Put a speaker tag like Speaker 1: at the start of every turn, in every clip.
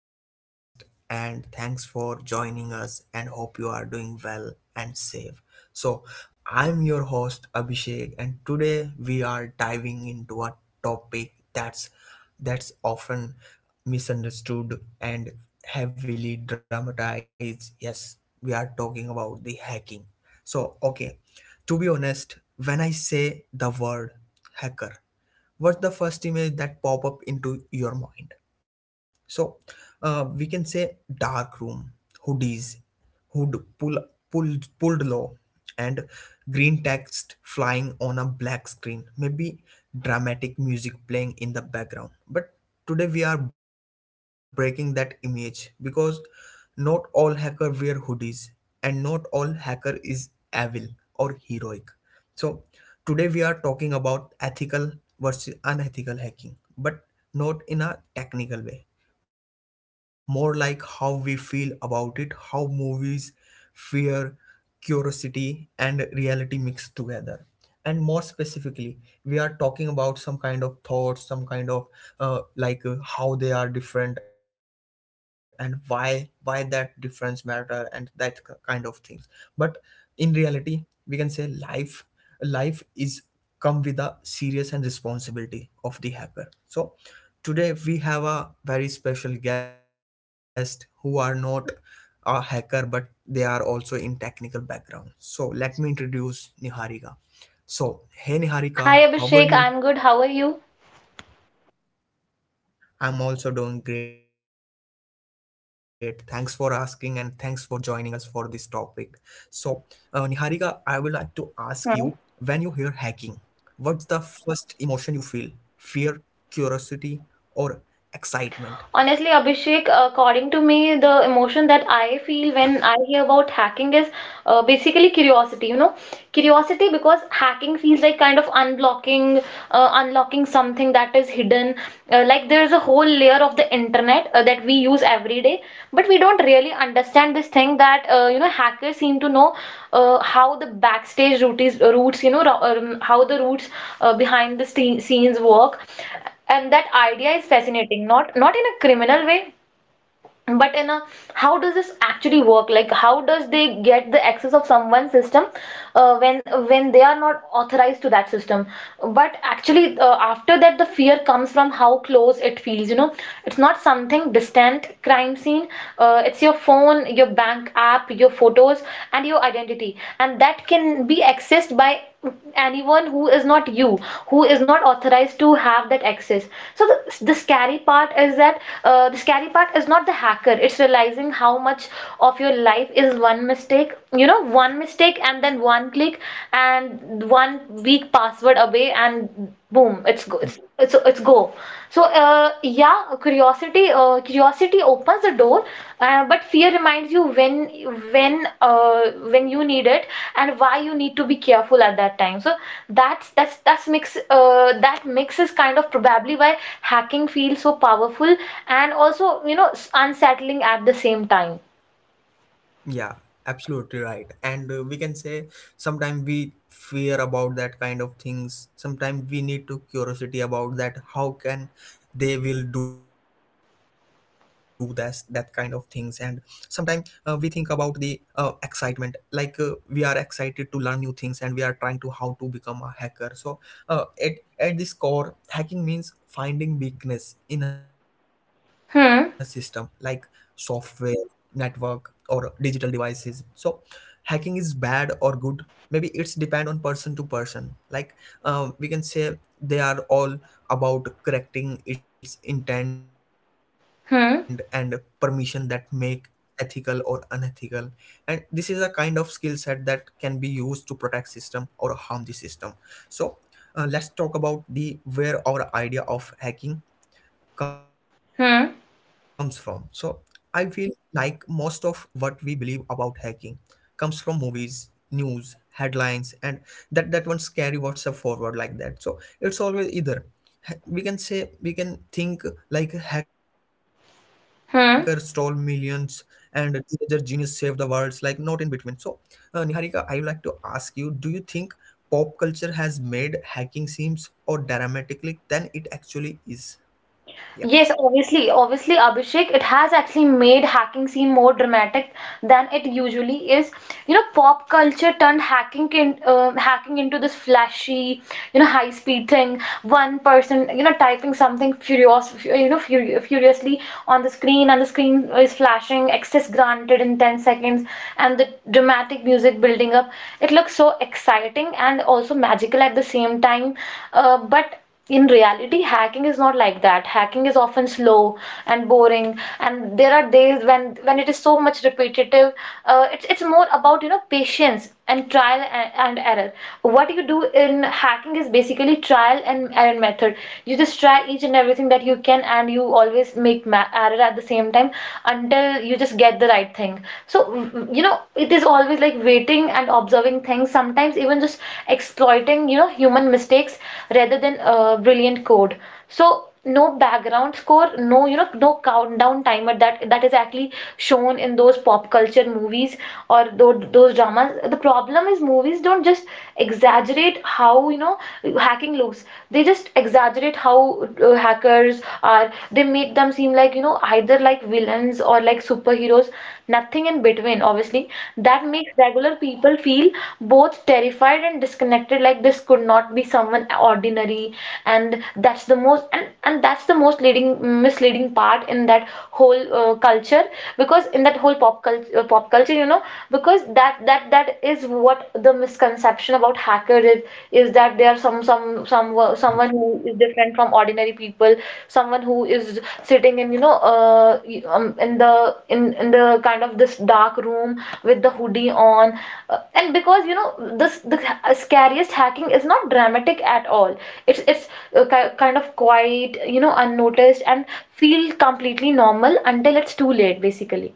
Speaker 1: our podcast and thanks for joining us. And hope you are doing well and safe. So, I'm your host Abhishek, and today we are diving into a topic that's often misunderstood and heavily dramatized. Yes, we are talking about the hacking. So, okay, to be honest, when I say the word hacker, what's the first image that pop up into your mind? so we can say dark room, hoodies, hood pulled low, and green text flying on a black screen, maybe dramatic music playing in the background. But today we are breaking that image because not all hacker wear hoodies and not all hacker is evil or heroic. so, Today we are talking about ethical versus unethical hacking, but not in a technical way. More like how we feel about it, how movies, fear, curiosity, and reality mix together. And more specifically, we are talking about some kind of thoughts some kind of like how they are different and why that difference matter, and kind of things. But in reality, we can say life life is come with a serious and responsibility of the hacker. So today we have a very special guest who are not a hacker but they are also in technical background, so let me introduce Niharika. So, hey Niharika, how are
Speaker 2: Hi
Speaker 1: you?
Speaker 2: Abhishek, I'm good. How are you?
Speaker 1: I'm also doing great. Thanks for asking and thanks for joining us for this topic. So, Niharika, I would like to ask you, when you
Speaker 2: Hi.
Speaker 1: hear hacking, what's the first emotion you feel? Fear, curiosity, or excitement?
Speaker 2: Honestly,
Speaker 1: Yeah.
Speaker 2: Abhishek, according to me, the emotion that I feel when I hear about hacking is basically curiosity, curiosity because hacking feels like kind of unlocking something that is hidden. Like there's a whole layer of the internet that we use every day, but we don't really understand this thing that hackers seem to know how the backstage routes, routes, you know, how the routes behind the scenes work. And that idea is fascinating, not in a criminal way, but in a how does this actually work? Like how does they get the access of someone's system when they are not authorized to that system? But actually, after that the fear comes from how close it feels. It's not something distant, crime scene. It's your phone, your bank app, your photos, and your identity, and that can be accessed by anyone who is not you, who is not authorized to have that access. So the scary part is that, the scary part is not the hacker, it's realizing how much of your life is one mistake, one mistake, and then one click, and one weak password away. And boom, it's go. So yeah, curiosity opens the door, but fear reminds you when you need it and why you need to be careful at that time. So that mix is kind of probably why hacking feels so powerful, and also, unsettling at the same time.
Speaker 1: Yeah, absolutely right. And we can say sometimes we fear about that kind of things. Sometimes we need to curiosity about that. How can they will do that kind of things? And sometimes we think about the excitement. Like we are excited to learn new things, and we are trying to how to become a hacker. So uh, at at this core, hacking means finding weakness in a system, like
Speaker 2: Hmm.
Speaker 1: software, network, or digital devices. So hacking is bad or good? Maybe it's depend on person to person. Like we can say they are all about correcting its intent and permission
Speaker 2: Hmm.
Speaker 1: that make ethical or unethical. And this is a kind of skill set that can be used to protect system or harm the system. So let's talk about the where our idea of hacking comes from. So
Speaker 2: Hmm.
Speaker 1: I feel like most of what we believe about hacking comes from movies, news, headlines, and that one scary WhatsApp forward like that. So it's always either we can say we can think like hacker stole millions
Speaker 2: Hmm.
Speaker 1: and teenager genius saved the worlds, like not in between. So Niharika, I would like to ask you: do you think pop culture has made hacking seems or dramatically than it actually is? Yeah.
Speaker 2: Yes, obviously, obviously, Abhishek, it has actually made hacking seem more dramatic than it usually is. You know, pop culture turned hacking into this flashy, you know, high-speed thing. One person, you know, typing something furiously on the screen, and the screen is flashing, access granted in 10 seconds, and the dramatic music building up. It looks so exciting and also magical at the same time. But in reality, hacking is not like that. Hacking is often slow and boring, and there are days when it is so much repetitive. It's more about, you know, patience and trial and, error. What you do in hacking is basically trial and error method. You just try each and everything that you can, and you always make error at the same time until you just get the right thing. So, it is always like waiting and observing things, sometimes even just exploiting, human mistakes rather than brilliant code. So no background score, no, no countdown timer, that is actually shown in those pop culture movies or those dramas. The problem is movies don't just exaggerate how, hacking looks. They just exaggerate how hackers are. They make them seem like, either like villains or like superheroes, nothing in between, obviously. That makes regular people feel both terrified and disconnected, like this could not be someone ordinary, and that's the most leading misleading part in that whole culture, because in that whole pop culture. Because that is what the misconception about hacker is that they are someone who is different from ordinary people, someone who is sitting in, the kind of this dark room with the hoodie on. And because, you know, this, the scariest hacking is not dramatic at all. It's kind of quiet, unnoticed, and feel completely normal until it's too late, basically.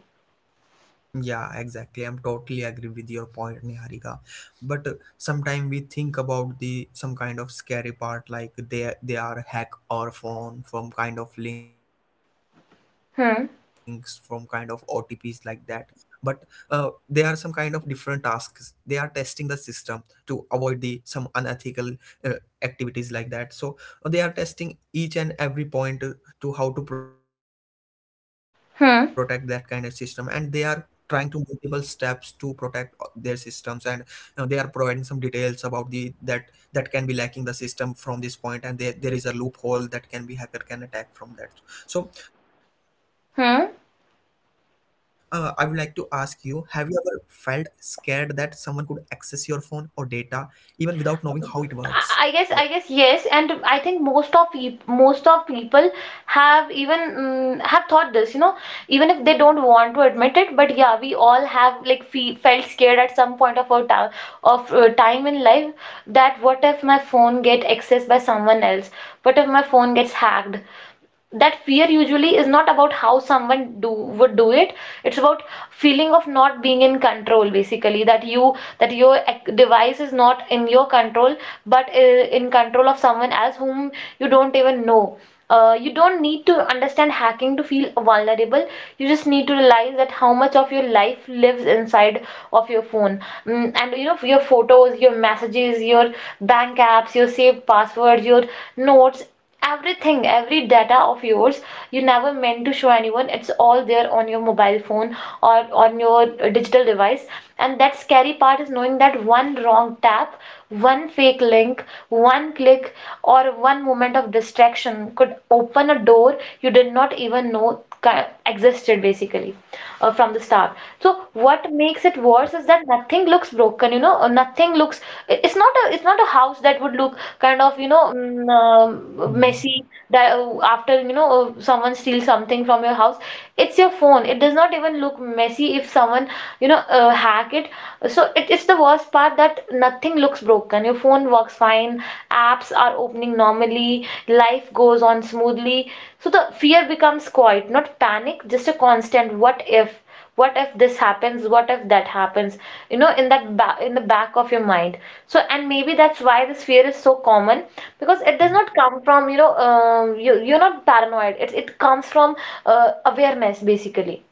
Speaker 1: Yeah, exactly. I'm totally agree with your point, Niharika. But sometimes we think about the some kind of scary part, like they are hack our phone from kind of links, from kind of OTPs like
Speaker 2: Hmm.
Speaker 1: that. But uh, there are some kind of different tasks. They are testing the system to avoid the some unethical uh, activities like that. So they are testing each and every point to how to protect that kind of system, and they are
Speaker 2: Hmm.
Speaker 1: trying to multiple steps to protect their systems. And you know, they are providing some details about the that that can be lacking the system from this point, and there is a loophole that can be hacker can attack from that. So I would like to ask you,
Speaker 2: Hmm.
Speaker 1: have you ever felt scared that someone could access your phone or data even without knowing how it works? Yeah.
Speaker 2: I I guess yes, and I think most of peop most of people have thought this, you know, even if they don't want to admit it. But yeah, we all have like fe felt scared at some point of our time of time in life, that what if my phone get accessed by someone else? What if my phone gets hacked? That fear usually is not about how someone do would do it. It's about feeling of not being in control, basically, that you that your device is not in your control, but in control of someone else whom you don't even know. You don't need to understand hacking to feel vulnerable. You just need to realize that how
Speaker 1: Yeah.
Speaker 2: much of your life lives inside of your phone. Mm, and you know Your photos, your messages, your bank apps, your saved passwords, your notes, everything, every data of yours you never meant to show anyone, it's all there on your mobile phone or on your digital device. And that scary part is knowing that one wrong tap, one fake link, one click, or one moment of distraction could open a door you did not even know existed, basically, from the start. So what makes it worse is that nothing looks broken, or nothing looks. It's not a house that would look kind of,
Speaker 1: Hmm.
Speaker 2: messy, that, after, someone steals something from your house. It's your phone. It does not even look messy if someone, hack it. So it's the worst part that nothing looks broken. Your phone works fine. Apps are opening normally. Life goes on smoothly. So the fear becomes quiet, not panic, just a constant what if. What if this happens? What if that happens, in in the back of your mind. So, and maybe that's why this fear is so common, because it does not come from, you know you you're not paranoid, it comes from awareness, basically.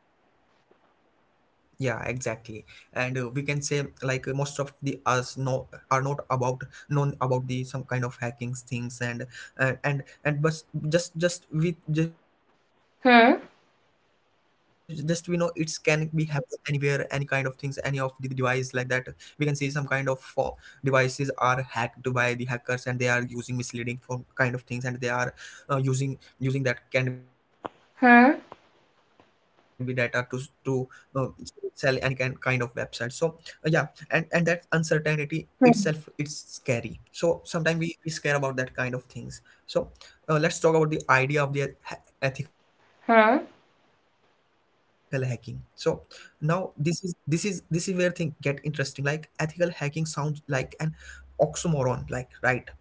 Speaker 1: Yeah, exactly. And we can say like most of the us know are not about known about the some kind of hacking things. And but just we know it's can be
Speaker 2: Hmm.
Speaker 1: happen anywhere, any kind of things, any of the device like that. We can see some kind of devices are hacked by the hackers and they are using misleading form kind of things, and they are uh, using using that can be data to to uh,
Speaker 2: Hmm.
Speaker 1: sell any kind of website. So yeah, and that uncertainty itself it's scary, so
Speaker 2: Hmm.
Speaker 1: sometimes we scare about that kind of things. So let's talk about the idea of the ethical hacking. So now
Speaker 2: Hmm.
Speaker 1: this is where things get interesting. Like ethical hacking sounds like an oxymoron, like, right? So like healthy junk food.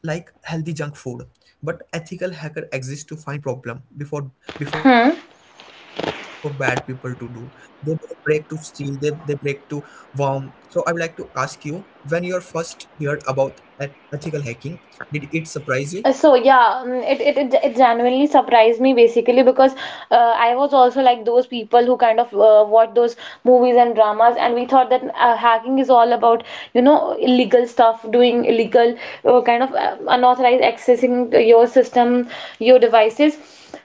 Speaker 1: But ethical hacker exists to find problem before bad people to do.
Speaker 2: Hmm.
Speaker 1: They don't break to steal, they break to worm. So I would like to ask you, when you are first heard about ethical hacking, did it surprise you?
Speaker 2: So yeah, it genuinely surprised me, basically, because I was also like those people who kind of watch those movies and dramas, and we thought that hacking is all about, you know illegal stuff, doing illegal, kind of, unauthorized accessing your system, your devices.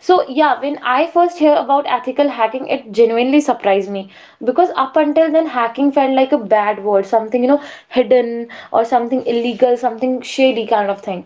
Speaker 2: So yeah, when I first hear about ethical hacking, it genuinely surprised me, because up until then, hacking felt like a bad word, something, hidden, or something illegal, something shady kind of thing.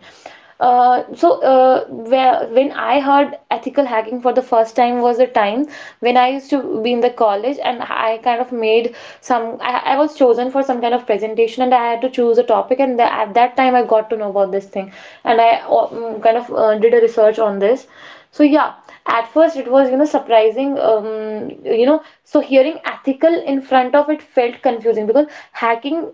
Speaker 2: So, when I heard ethical hacking for the first time was the time when I used to be in the college, and I kind of made some. I was chosen for some kind of presentation, and I had to choose a topic, and at that time I got to know about this thing. And I, kind of, did a research on this. So yeah, at first, it was, surprising, so hearing
Speaker 1: Yeah.
Speaker 2: ethical in front of it felt confusing because hacking,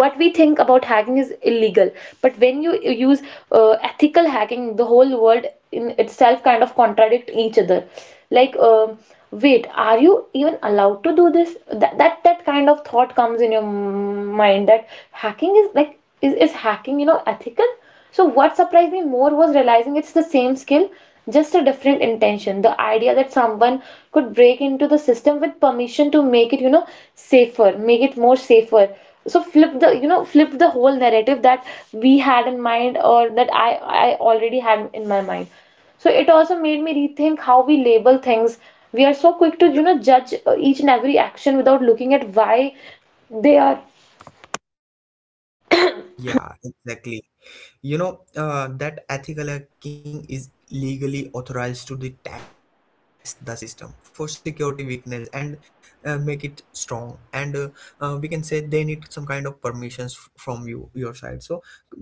Speaker 2: what we think about hacking is illegal, but when you use ethical hacking, the whole world in itself kind of contradict each other. Like, wait, are you even allowed to do this? That kind of thought comes in your mind, that hacking is like, is hacking,
Speaker 1: Yeah.
Speaker 2: ethical? So, what surprised me more was realizing it's the same skill, just a different intention. The idea that someone could break into the system with permission to make it, safer, make it more safer. So flip the whole narrative that we had in mind, or that I already had in my mind. So it also made me rethink how we label things. We are so quick to, judge each and every action without looking at why they are.
Speaker 1: Yeah, exactly. You know, that ethical hacking is legally authorized to the test the system for security weakness, and make it strong. And we can say they need some kind of permissions from you, your side. So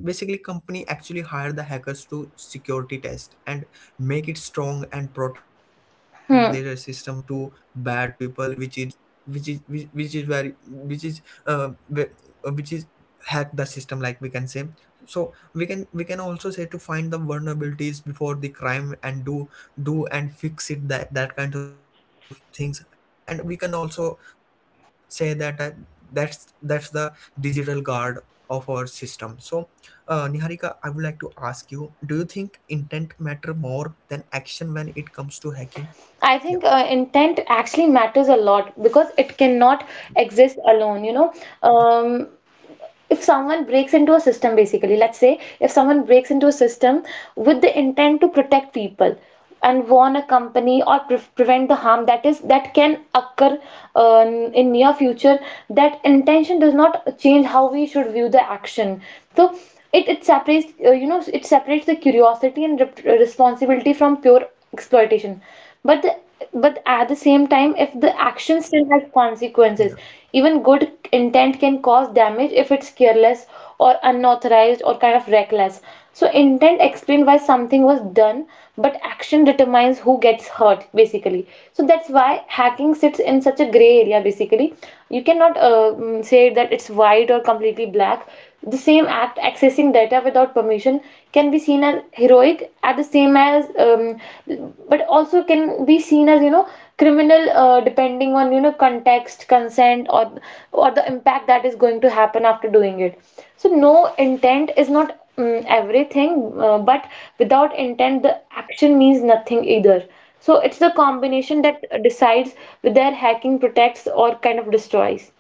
Speaker 1: basically, company actually hire the hackers to security test and make it strong and protect
Speaker 2: Hmm.
Speaker 1: their system to bad people, which is which is which is very which is wh- which is hack the system, like we can say. So we can also say to find the vulnerabilities before the crime and do and fix it, that that kind of things. And we can also say that that's the digital guard of our system. So Niharika, I would like to ask you, do you think intent matter more than action when it comes to hacking? Yeah.
Speaker 2: I think intent actually matters a lot, because it cannot exist alone. Um, if someone breaks into a system, basically, let's say if someone breaks into a system with the intent to protect people and warn a company or prevent the harm that can occur uh, in near future, that intention does not change how we should view the action. So it separates the curiosity and rep responsibility from pure exploitation, but the, but at the same time, if the action
Speaker 1: Yeah.
Speaker 2: still has consequences, even good intent can cause damage if it's careless or unauthorized or kind of reckless. So intent explains why something was done, but action determines who gets hurt, basically. So that's why hacking sits in such a gray area, basically. You cannot say that it's white or completely black. The same act, accessing data without permission, can be seen as heroic, at the same as, but also can be seen as, criminal, depending on, context, consent, or the impact that is going to happen after doing it. So no, intent is not everything, but without intent, the action means nothing either. So it's the combination that decides whether hacking protects or kind of destroys.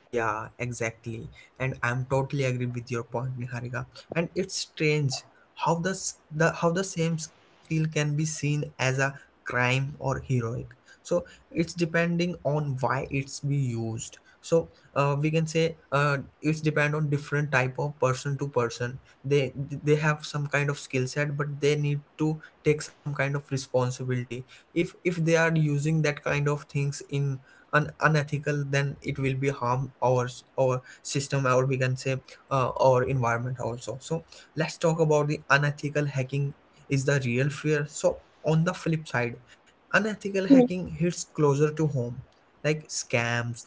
Speaker 1: Yeah, exactly. And I'm totally agree with your point, Niharika. And it's strange how the, the how the same skill can be seen as a crime or heroic. So it's depending on why it's be used. So we can say it's depend on different type of person to person. They have some kind of skill set, but they need to take some kind of responsibility. If they are using that kind of things in unethical, then it will be harm our our system, or we can say our environment also. So let's talk about the unethical hacking is the real fear. So on the flip side, unethical
Speaker 2: Hmm.
Speaker 1: hacking hits closer to home, like scams,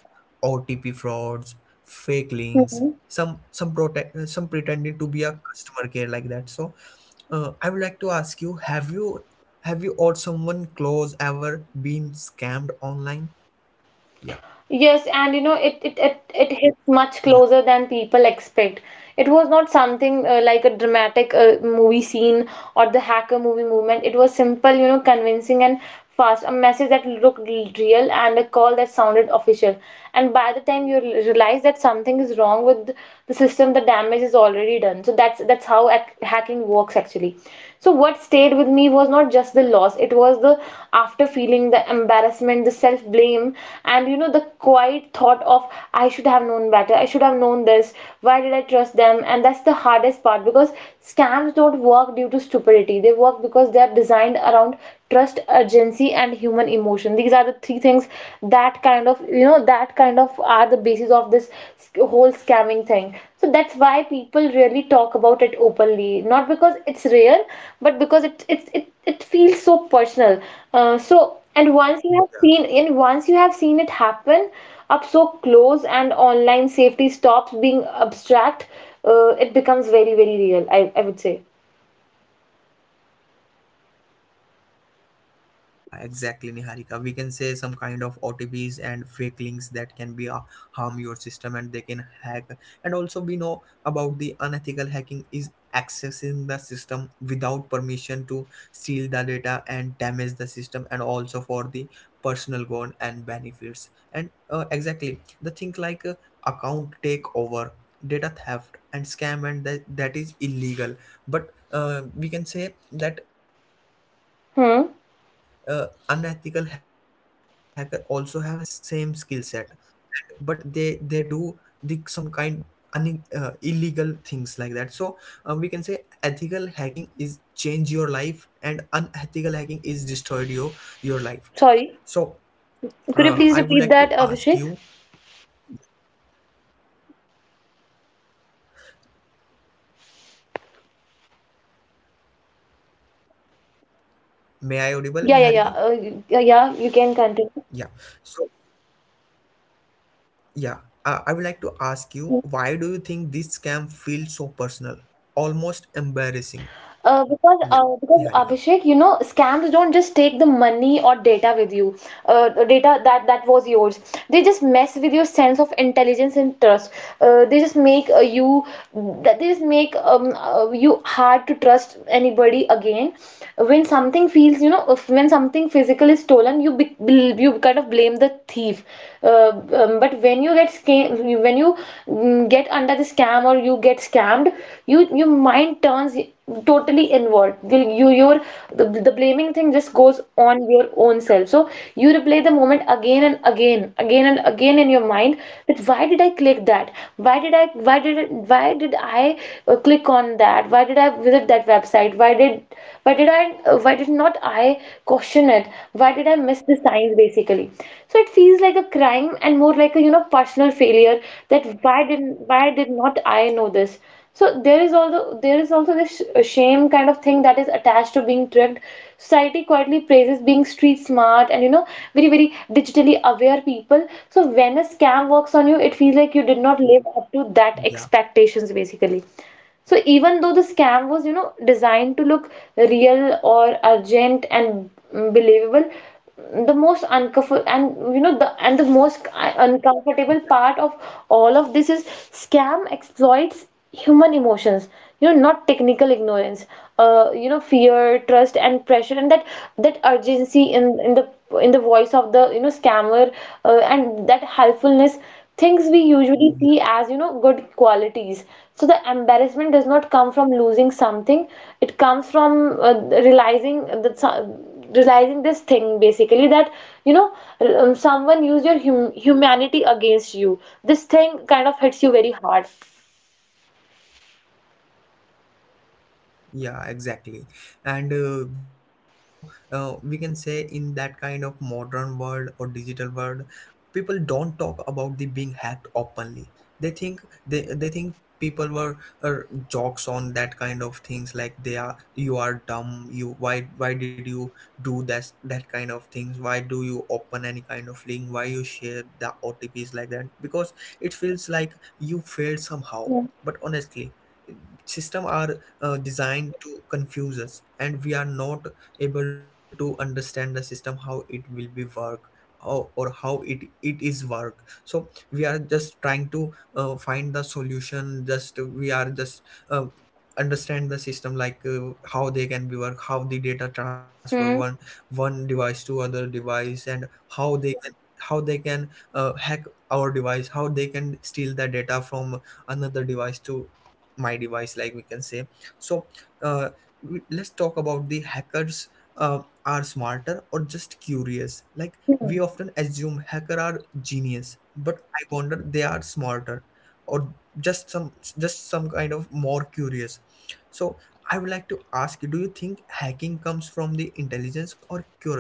Speaker 1: OTP frauds, fake links, some pretending to be a customer care like that. So I would like to ask you, have you or someone close ever been scammed online? Yeah.
Speaker 2: Yes, and you know, it hits much closer than
Speaker 1: Yeah,
Speaker 2: people expect. It was not something like a dramatic movie scene or the hacker movie movement. It was simple, you know, convincing and fast. A message that looked real and a call that sounded official. And by the time you realize that something is wrong with the system, the damage is already done. So that's how hacking works books actually. So what stayed with me was not just the loss, it was the after feeling, the embarrassment, the self blame, and you know, the quiet thought of, I should have known better, I should have known this, why did I trust them? And that's the hardest part, because scams don't work due to stupidity, they work because they are designed around trust, urgency, and human emotion. These are the three things that, kind of are the basis of this whole scamming thing. So that's why people really talk about it openly, not because it's real but because it feels so personal. So and once you have seen, and once you have seen it happen up so close, and online safety stops being abstract, it becomes very very real, I would say.
Speaker 1: yeah, exactly, Niharika. We can say some kind of OTPs and fake links that can be harm your system and they can hack. And also, we know about the unethical hacking is accessing the system without permission to steal the data and damage the system, and also for the personal gain and benefits. And exactly the thing like account takeover, data theft, and scam, and that is illegal. But we can say that unethical
Speaker 2: Hmm.
Speaker 1: hacker also have a same skill set, but they do the some kind illegal things like that. So we can say ethical hacking is change your life and unethical hacking is destroyed your life. So I would like to
Speaker 2: Sorry,
Speaker 1: ask you,
Speaker 2: could you please repeat that, Abhishek?
Speaker 1: may I audible Niharika?
Speaker 2: Yeah, yeah, yeah, yeah, yeah, you can
Speaker 1: Yeah.
Speaker 2: continue.
Speaker 1: So yeah, I would like to ask you, why do you think this scam feels so personal, almost embarrassing?
Speaker 2: Uh, because
Speaker 1: Yeah.
Speaker 2: uh, because
Speaker 1: Niharika.
Speaker 2: Abhishek, you know, scams don't just take the money or data with you, data that was yours. They just mess with your sense of intelligence and trust. They just make you that They just make you hard to trust anybody again. When something feels, you know, when something physical is stolen, you kind of blame the thief. Uh, but when you get scam, when you mm, get under the scam or you get scammed, your mind turns totally inward. Will you your The, blaming thing just goes on your own self. So you replay the moment again and again, again and again in your mind, that why did I click that, why did I click on that, why did I visit that website, why did I, why did not I question it, why did I miss the signs basically? So it feels like a crime and more like a, you know, personal failure, that why didn't, why did not I know this? So there is also, this shame kind of thing that is attached to being tricked. Society quietly praises being street smart and you know, very very digitally aware people. So when a scam works on you, it feels like you did not live up to
Speaker 1: Yeah.
Speaker 2: that expectations basically. So even though the scam was, you know, designed to look real or urgent and believable, the most uncomfortable and you know the and the most uncomfortable part of all of this is, scam exploits human emotions, you know, not technical ignorance. You know, fear, trust, and pressure, and that urgency in, in the voice of the, you know, scammer, and that helpfulness, things we
Speaker 1: Yeah,
Speaker 2: usually see as, you know, good qualities. So the embarrassment does not come from losing something, it comes from realizing that so- realizing this thing, basically, that, you know, someone used your humanity against you. This thing kind of hits you very hard.
Speaker 1: yeah, exactly. And we know we can say in that kind of modern world or digital world, people don't talk about the being hacked openly. They think they think people were jokes on that kind of things like they are, you are dumb. You, why did you do that? That kind of things. Why do you open any kind of link? Why you share the otps like that? Because it feels like you failed
Speaker 2: Hmm.
Speaker 1: somehow. But honestly, system are designed to confuse us and we are not able to understand the system how it will be work, or how it is work. So we are just trying to find the solution, just we are just uh, understand the system, like how they can be work, how the data transfer
Speaker 2: Hmm.
Speaker 1: one device to other device, and how they can how they can hack our device, how they can steal the data from another device to my device, like we can say. So uh, let's talk about the hackers. Are smarter or just curious? Like we often assume hacker are genius, but I wonder they are smarter or just some just some kind of more curious. So I would like to ask you, do you think hacking comes from the intelligence or curiosity?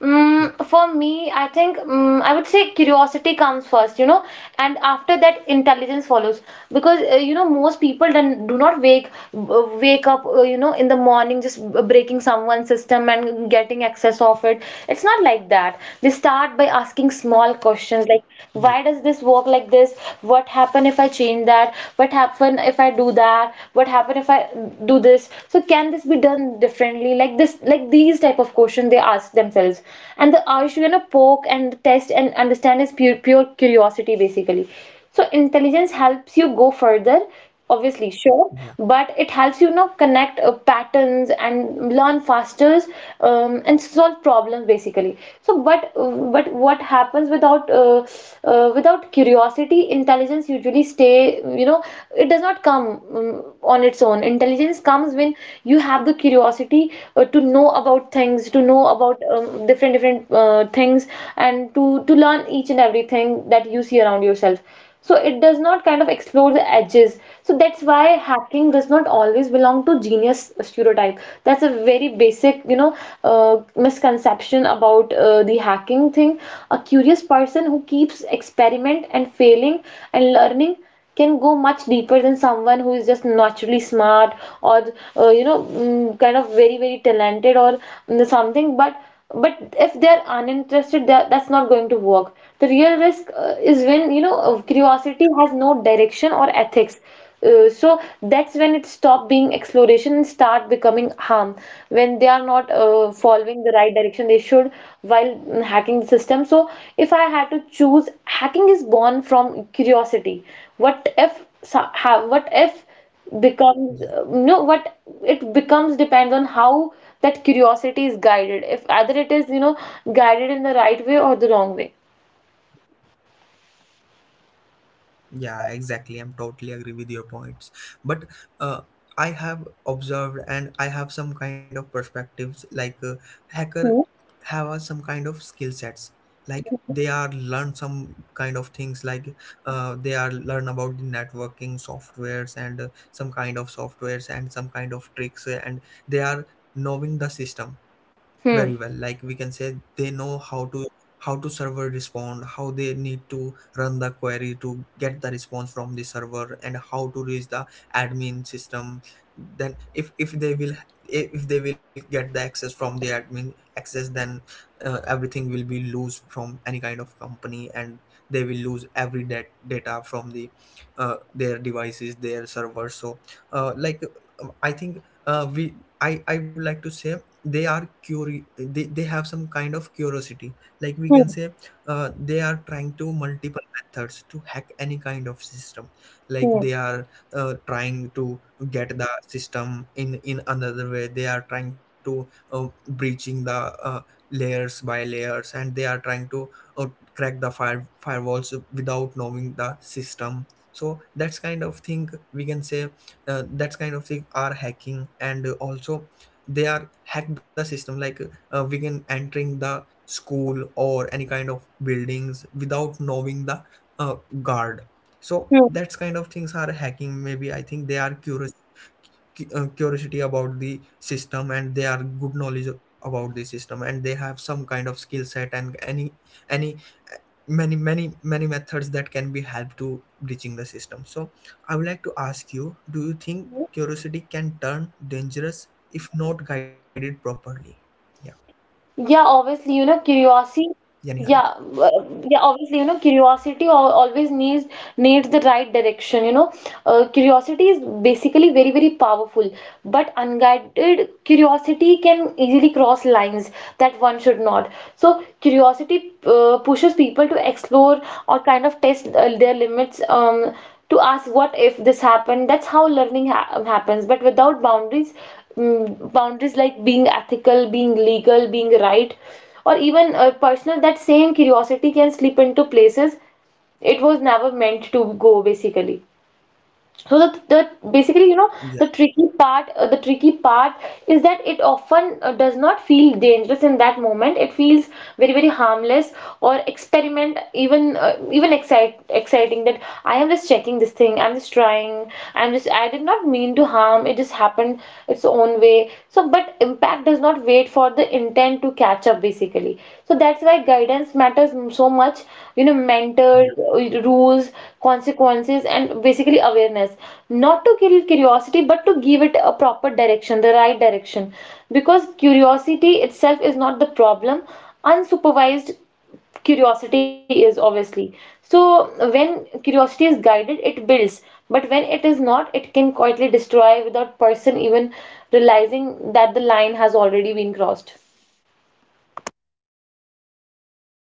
Speaker 1: yeah
Speaker 2: For me, I think, I would say curiosity comes first, you know, and after that, intelligence follows. Because you know, most people then do not wake wake up, you know, in the morning just breaking someone's system and getting access of it. It's not like that. They start by asking small questions, like,
Speaker 1: yeah
Speaker 2: why does this work like this? What happen if I change that? What happen if I do that? What happen if I do this? So can this be done differently? Like this, like these type of questions they ask themselves. And the Ayush, you know, poke and test and understand is pure curiosity basically. So intelligence helps you go further, obviously, sure,
Speaker 1: yeah
Speaker 2: but it helps you, you know, connect patterns and learn faster, and solve problems basically. So, but but what happens without without curiosity, intelligence usually stay, you know, it does not come on its own. Intelligence comes when you have the curiosity to know about things, to know about different different things, and to learn each and everything that you see around yourself. So it does not kind of explore the edges. So that's why hacking does not always belong to genius stereotype. That's a very basic, you know, misconception about the hacking thing. A curious person who keeps experiment and failing and learning can go much deeper than someone who is just naturally smart, or you know, kind of very very talented, or something. But if they're uninterested, that that's not going to work. The real risk, is when, you know, curiosity has no direction or ethics. So that's when it stop being exploration and start becoming harm, when they are not following the right direction they should, while hacking the system. So if I had to choose, hacking is born from curiosity. What if
Speaker 1: yeah
Speaker 2: becomes, no what, it becomes depends on how that curiosity is guided, if either it is, you know, guided in the right way or the wrong way.
Speaker 1: yeah, exactly. I'm totally agree with your points. But uh, I have observed and I have some kind of perspectives, like hacker
Speaker 2: Hmm.
Speaker 1: have a some kind of skill sets. Like they are learn some kind of things, like they are learn about the networking softwares and some kind of softwares and some kind of tricks, and they are knowing the system
Speaker 2: Hmm.
Speaker 1: very well. Like we can say, they know how to, how to server respond, how they need to run the query to get the response from the server, and how to reach the admin system. Then if they will, if they will get the access from the admin access, then everything will be loose from any kind of company, and they will lose every data from the their devices, their servers. So like, I think we I would like to say they are they have some kind of curiosity, like we
Speaker 2: Hmm.
Speaker 1: can say. They are trying to multiple methods to hack any kind of system, like
Speaker 2: Hmm.
Speaker 1: they are trying to get the system in another way. They are trying to breaching the uh, layers by layers, and they are trying to uh, crack the firewalls without knowing the system. So that's kind of thing, we can say that's kind of thing are hacking. And also they are hacked the system, like we can entering the school or any kind of buildings without knowing the uh, guard. So
Speaker 2: Hmm.
Speaker 1: that's kind of things are hacking. Maybe I think they are curious, curiosity about the system, and they are good knowledge about the system, and they have some kind of skill set, and any uh, many methods that can be help to reaching the system. So I would like to ask you, do you think curiosity can turn dangerous if not guided properly? Yeah
Speaker 2: Yeah, obviously, you know, curiosity.
Speaker 1: yani harika
Speaker 2: Yeah, yeah. Obviously, you know, curiosity al- always needs needs the right direction. You know, curiosity is basically very very powerful, but unguided curiosity can easily cross lines that one should not. So curiosity pushes people to explore, or kind of test their limits. To ask what if this happened. That's how learning happens. But without boundaries, boundaries like being ethical, being legal, being right, or even personal, that same curiosity can slip into places it was never meant to go basically. So the basically you know
Speaker 1: yeah,
Speaker 2: the tricky part is that it often does not feel dangerous in that moment. It feels very very harmless, or experiment, even exciting, that I am just checking this thing, I'm just trying, I'm just, I did not mean to harm, it just happened its own way. So, but impact does not wait for the intent to catch up, basically. So that's why guidance matters so much, you know, mentors, rules, consequences, and basically awareness, not to kill curiosity but to give it a proper direction, the right direction. Because curiosity itself is not the problem, unsupervised curiosity is, obviously. So when curiosity is guided, it builds. But when it is not, it can quietly destroy without person even realizing that the line has already been crossed.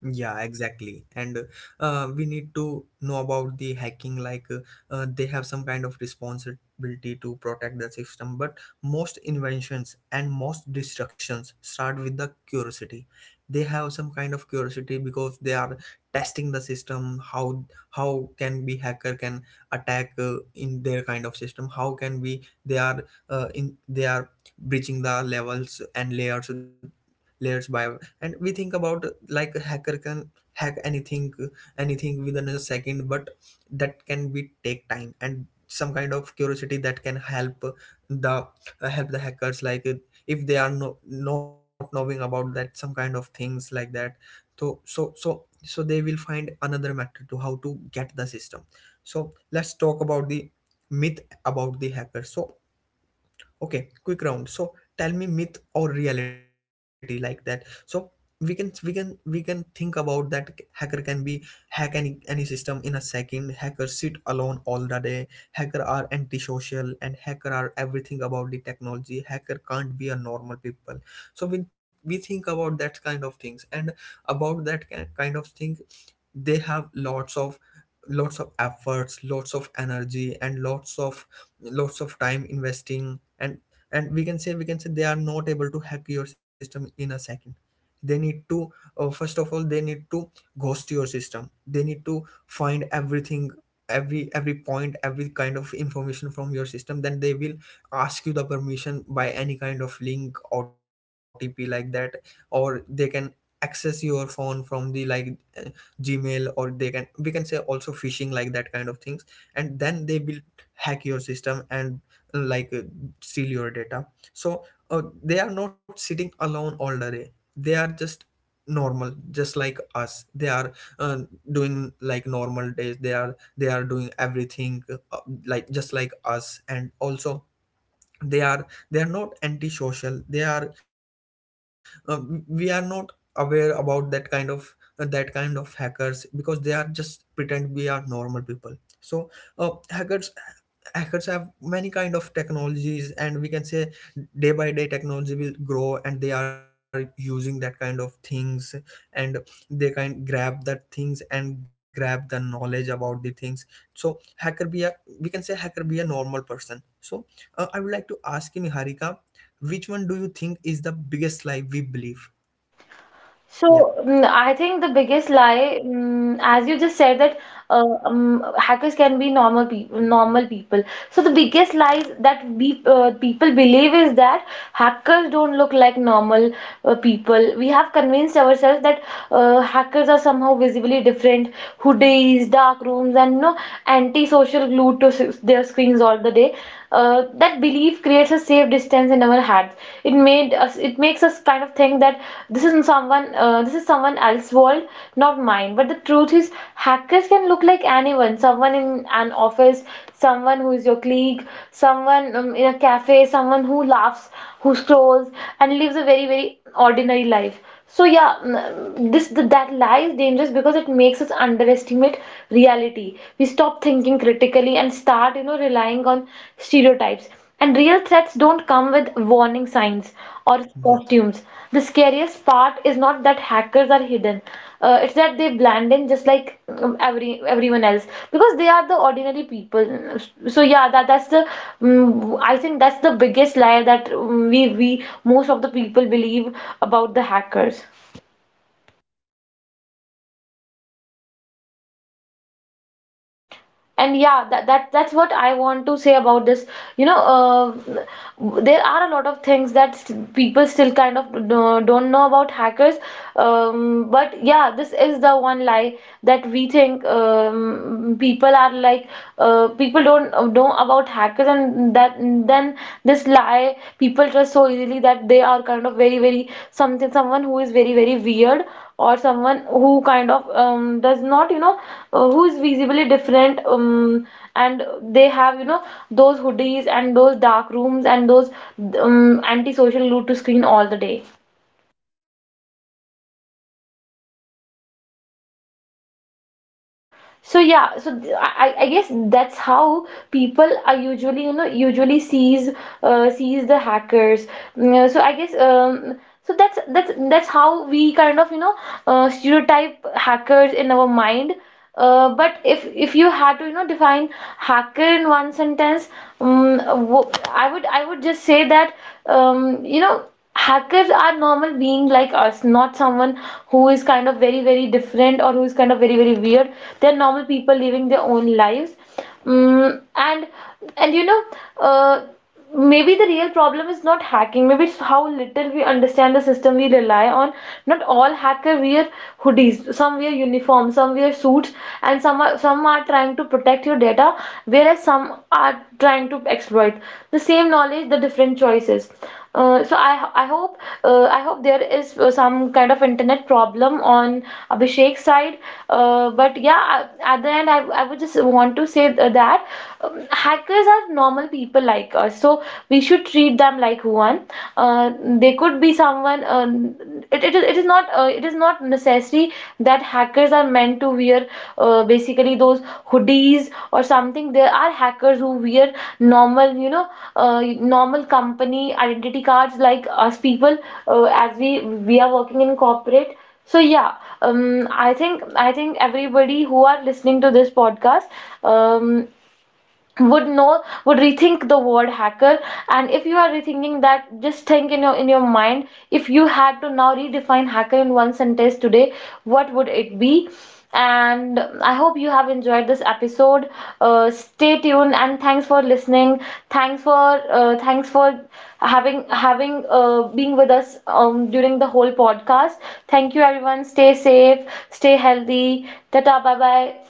Speaker 1: yeah, exactly. And we need to know about the hacking, like, they have some kind of responsibility to protect the system. But most inventions and most destructions start with the curiosity. They have some kind of curiosity because they are testing the system. How can we hacker can attack in their kind of system? How can we, they are in, they are breaching the levels and layers, layers by. And we think about like a hacker can hack anything, anything within a second. But that can be take time, and some kind of curiosity that can the help the hackers, like if they are, no, not knowing about that, some kind of things like that. So so they will find another method to how to get the system. So let's talk about the myth about the hacker. So okay, quick round. So tell me myth or reality, like that. So we can we can think about that hacker can be hack any system in a second, hacker sit alone all the day, hacker are antisocial, and hacker are everything about the technology, hacker can't be a normal people. So we think about that kind of things, and about that kind of thing they have lots of, lots of efforts, lots of energy, and lots of time investing. And we can say they are not able to hack your system in a second. They need to first of all, they need to ghost your system, they need to find everything, every point, every kind of information from your system. Then they will ask you the permission by any kind of link, otp, like that. Or they can access your phone from the, like, gmail, or they can, we can say, also phishing, like that kind of things. And then they will hack your system and like, steal your data. So they are not sitting alone all the day, they are just normal, just like us. They are uh, doing like normal days, they are doing everything, like just like us. And also, they are not antisocial. They are uh, we are not aware about that kind of hackers, because they are just pretend we are normal people. So uh, hackers hackers have many kind of technologies, and we can say day by day technology will grow, and they are using that kind of things. And they can grab that things and grab the knowledge about the things. So hacker be a, we can say hacker be a normal person. So I would like to ask you, Niharika, which one do you think is the biggest lie we believe?
Speaker 2: So,
Speaker 1: Yeah,
Speaker 2: I think the biggest lie, as you just said, that hackers can be normal people, normal people. So the biggest lies that we, people believe is that hackers don't look like normal people. We have convinced ourselves that hackers are somehow visibly different, hoodies, dark rooms, and you know, anti-social, glued to their screens all the day. That belief creates a safe distance in our hearts. It made us. It makes us kind of think that this is someone. This is someone else's world, not mine. But the truth is, hackers can look like anyone. Someone in an office, someone who is your colleague, someone in a cafe, someone who laughs, who scrolls, and lives a very very ordinary life. So yeah, this that lie is dangerous because it makes us underestimate reality. We stop thinking critically and start, you know, relying on stereotypes. And real threats don't come with warning signs or costumes.
Speaker 1: yeah,
Speaker 2: The scariest part is not that hackers are hidden. It's that they blend in just like everyone else, because they are the ordinary people. So yeah, that that's the, I think that's the biggest lie that, we, most of the people believe about the hackers.
Speaker 1: yeah, Exactly.
Speaker 2: And
Speaker 1: And
Speaker 2: yeah,
Speaker 1: we can
Speaker 2: that
Speaker 1: also
Speaker 2: that's what
Speaker 1: say
Speaker 2: I
Speaker 1: uh,
Speaker 2: want to say
Speaker 1: because
Speaker 2: about this.
Speaker 1: because
Speaker 2: You know,
Speaker 1: most
Speaker 2: there are a lot of things that, people still kind of don't know about hackers. But yeah, this is the one lie that we think, people are like, people don't know about hackers. And that, then, this lie people trust so easily, that they are kind of very very something, someone who is very very weird, or someone who kind of does not, you know, who is visibly different, and they have, you know, those hoodies and those dark rooms and those antisocial look to screen all the day. So yeah, so I guess that's how people are usually, you know, usually sees, sees the hackers. So I guess so that's that's how we kind of, you know, stereotype hackers in our mind. But if you had to, you know, define hacker in one sentence, um, wo- I would just say that, you know, hackers are normal being like us, not someone who is kind of very very different, or who is kind of very very weird. They're normal people living their own lives. mm, and and, you know, uh, maybe the real problem is not hacking, maybe it's how little we understand the system we rely on. Not all hacker wear hoodies, some wear uniforms, some wear suits, and some are trying to protect your data, whereas some are trying to exploit. The same knowledge, the different choices. So I hope, I hope there is some kind of internet problem on Abhishek's side. But yeah, at the end, I would just want to say that, hackers are normal people like us, so we should treat them like one. Uh, they could be someone. It is not, it is not necessary see that hackers are meant to wear, basically, those hoodies or something. There are hackers who wear normal, you know, uh, normal company identity cards like us people, as we, are working in corporate. So yeah, um, I think I think everybody who are listening to this podcast, um, would know, would rethink the word hacker. And if you are rethinking that, just think in your, mind, if you had to now redefine hacker in one sentence today, what would it be? And I hope you have enjoyed this episode. Stay tuned and thanks for listening. Thanks for having being with us, during the whole podcast. Thank you everyone, stay safe, stay healthy. Tata, bye bye.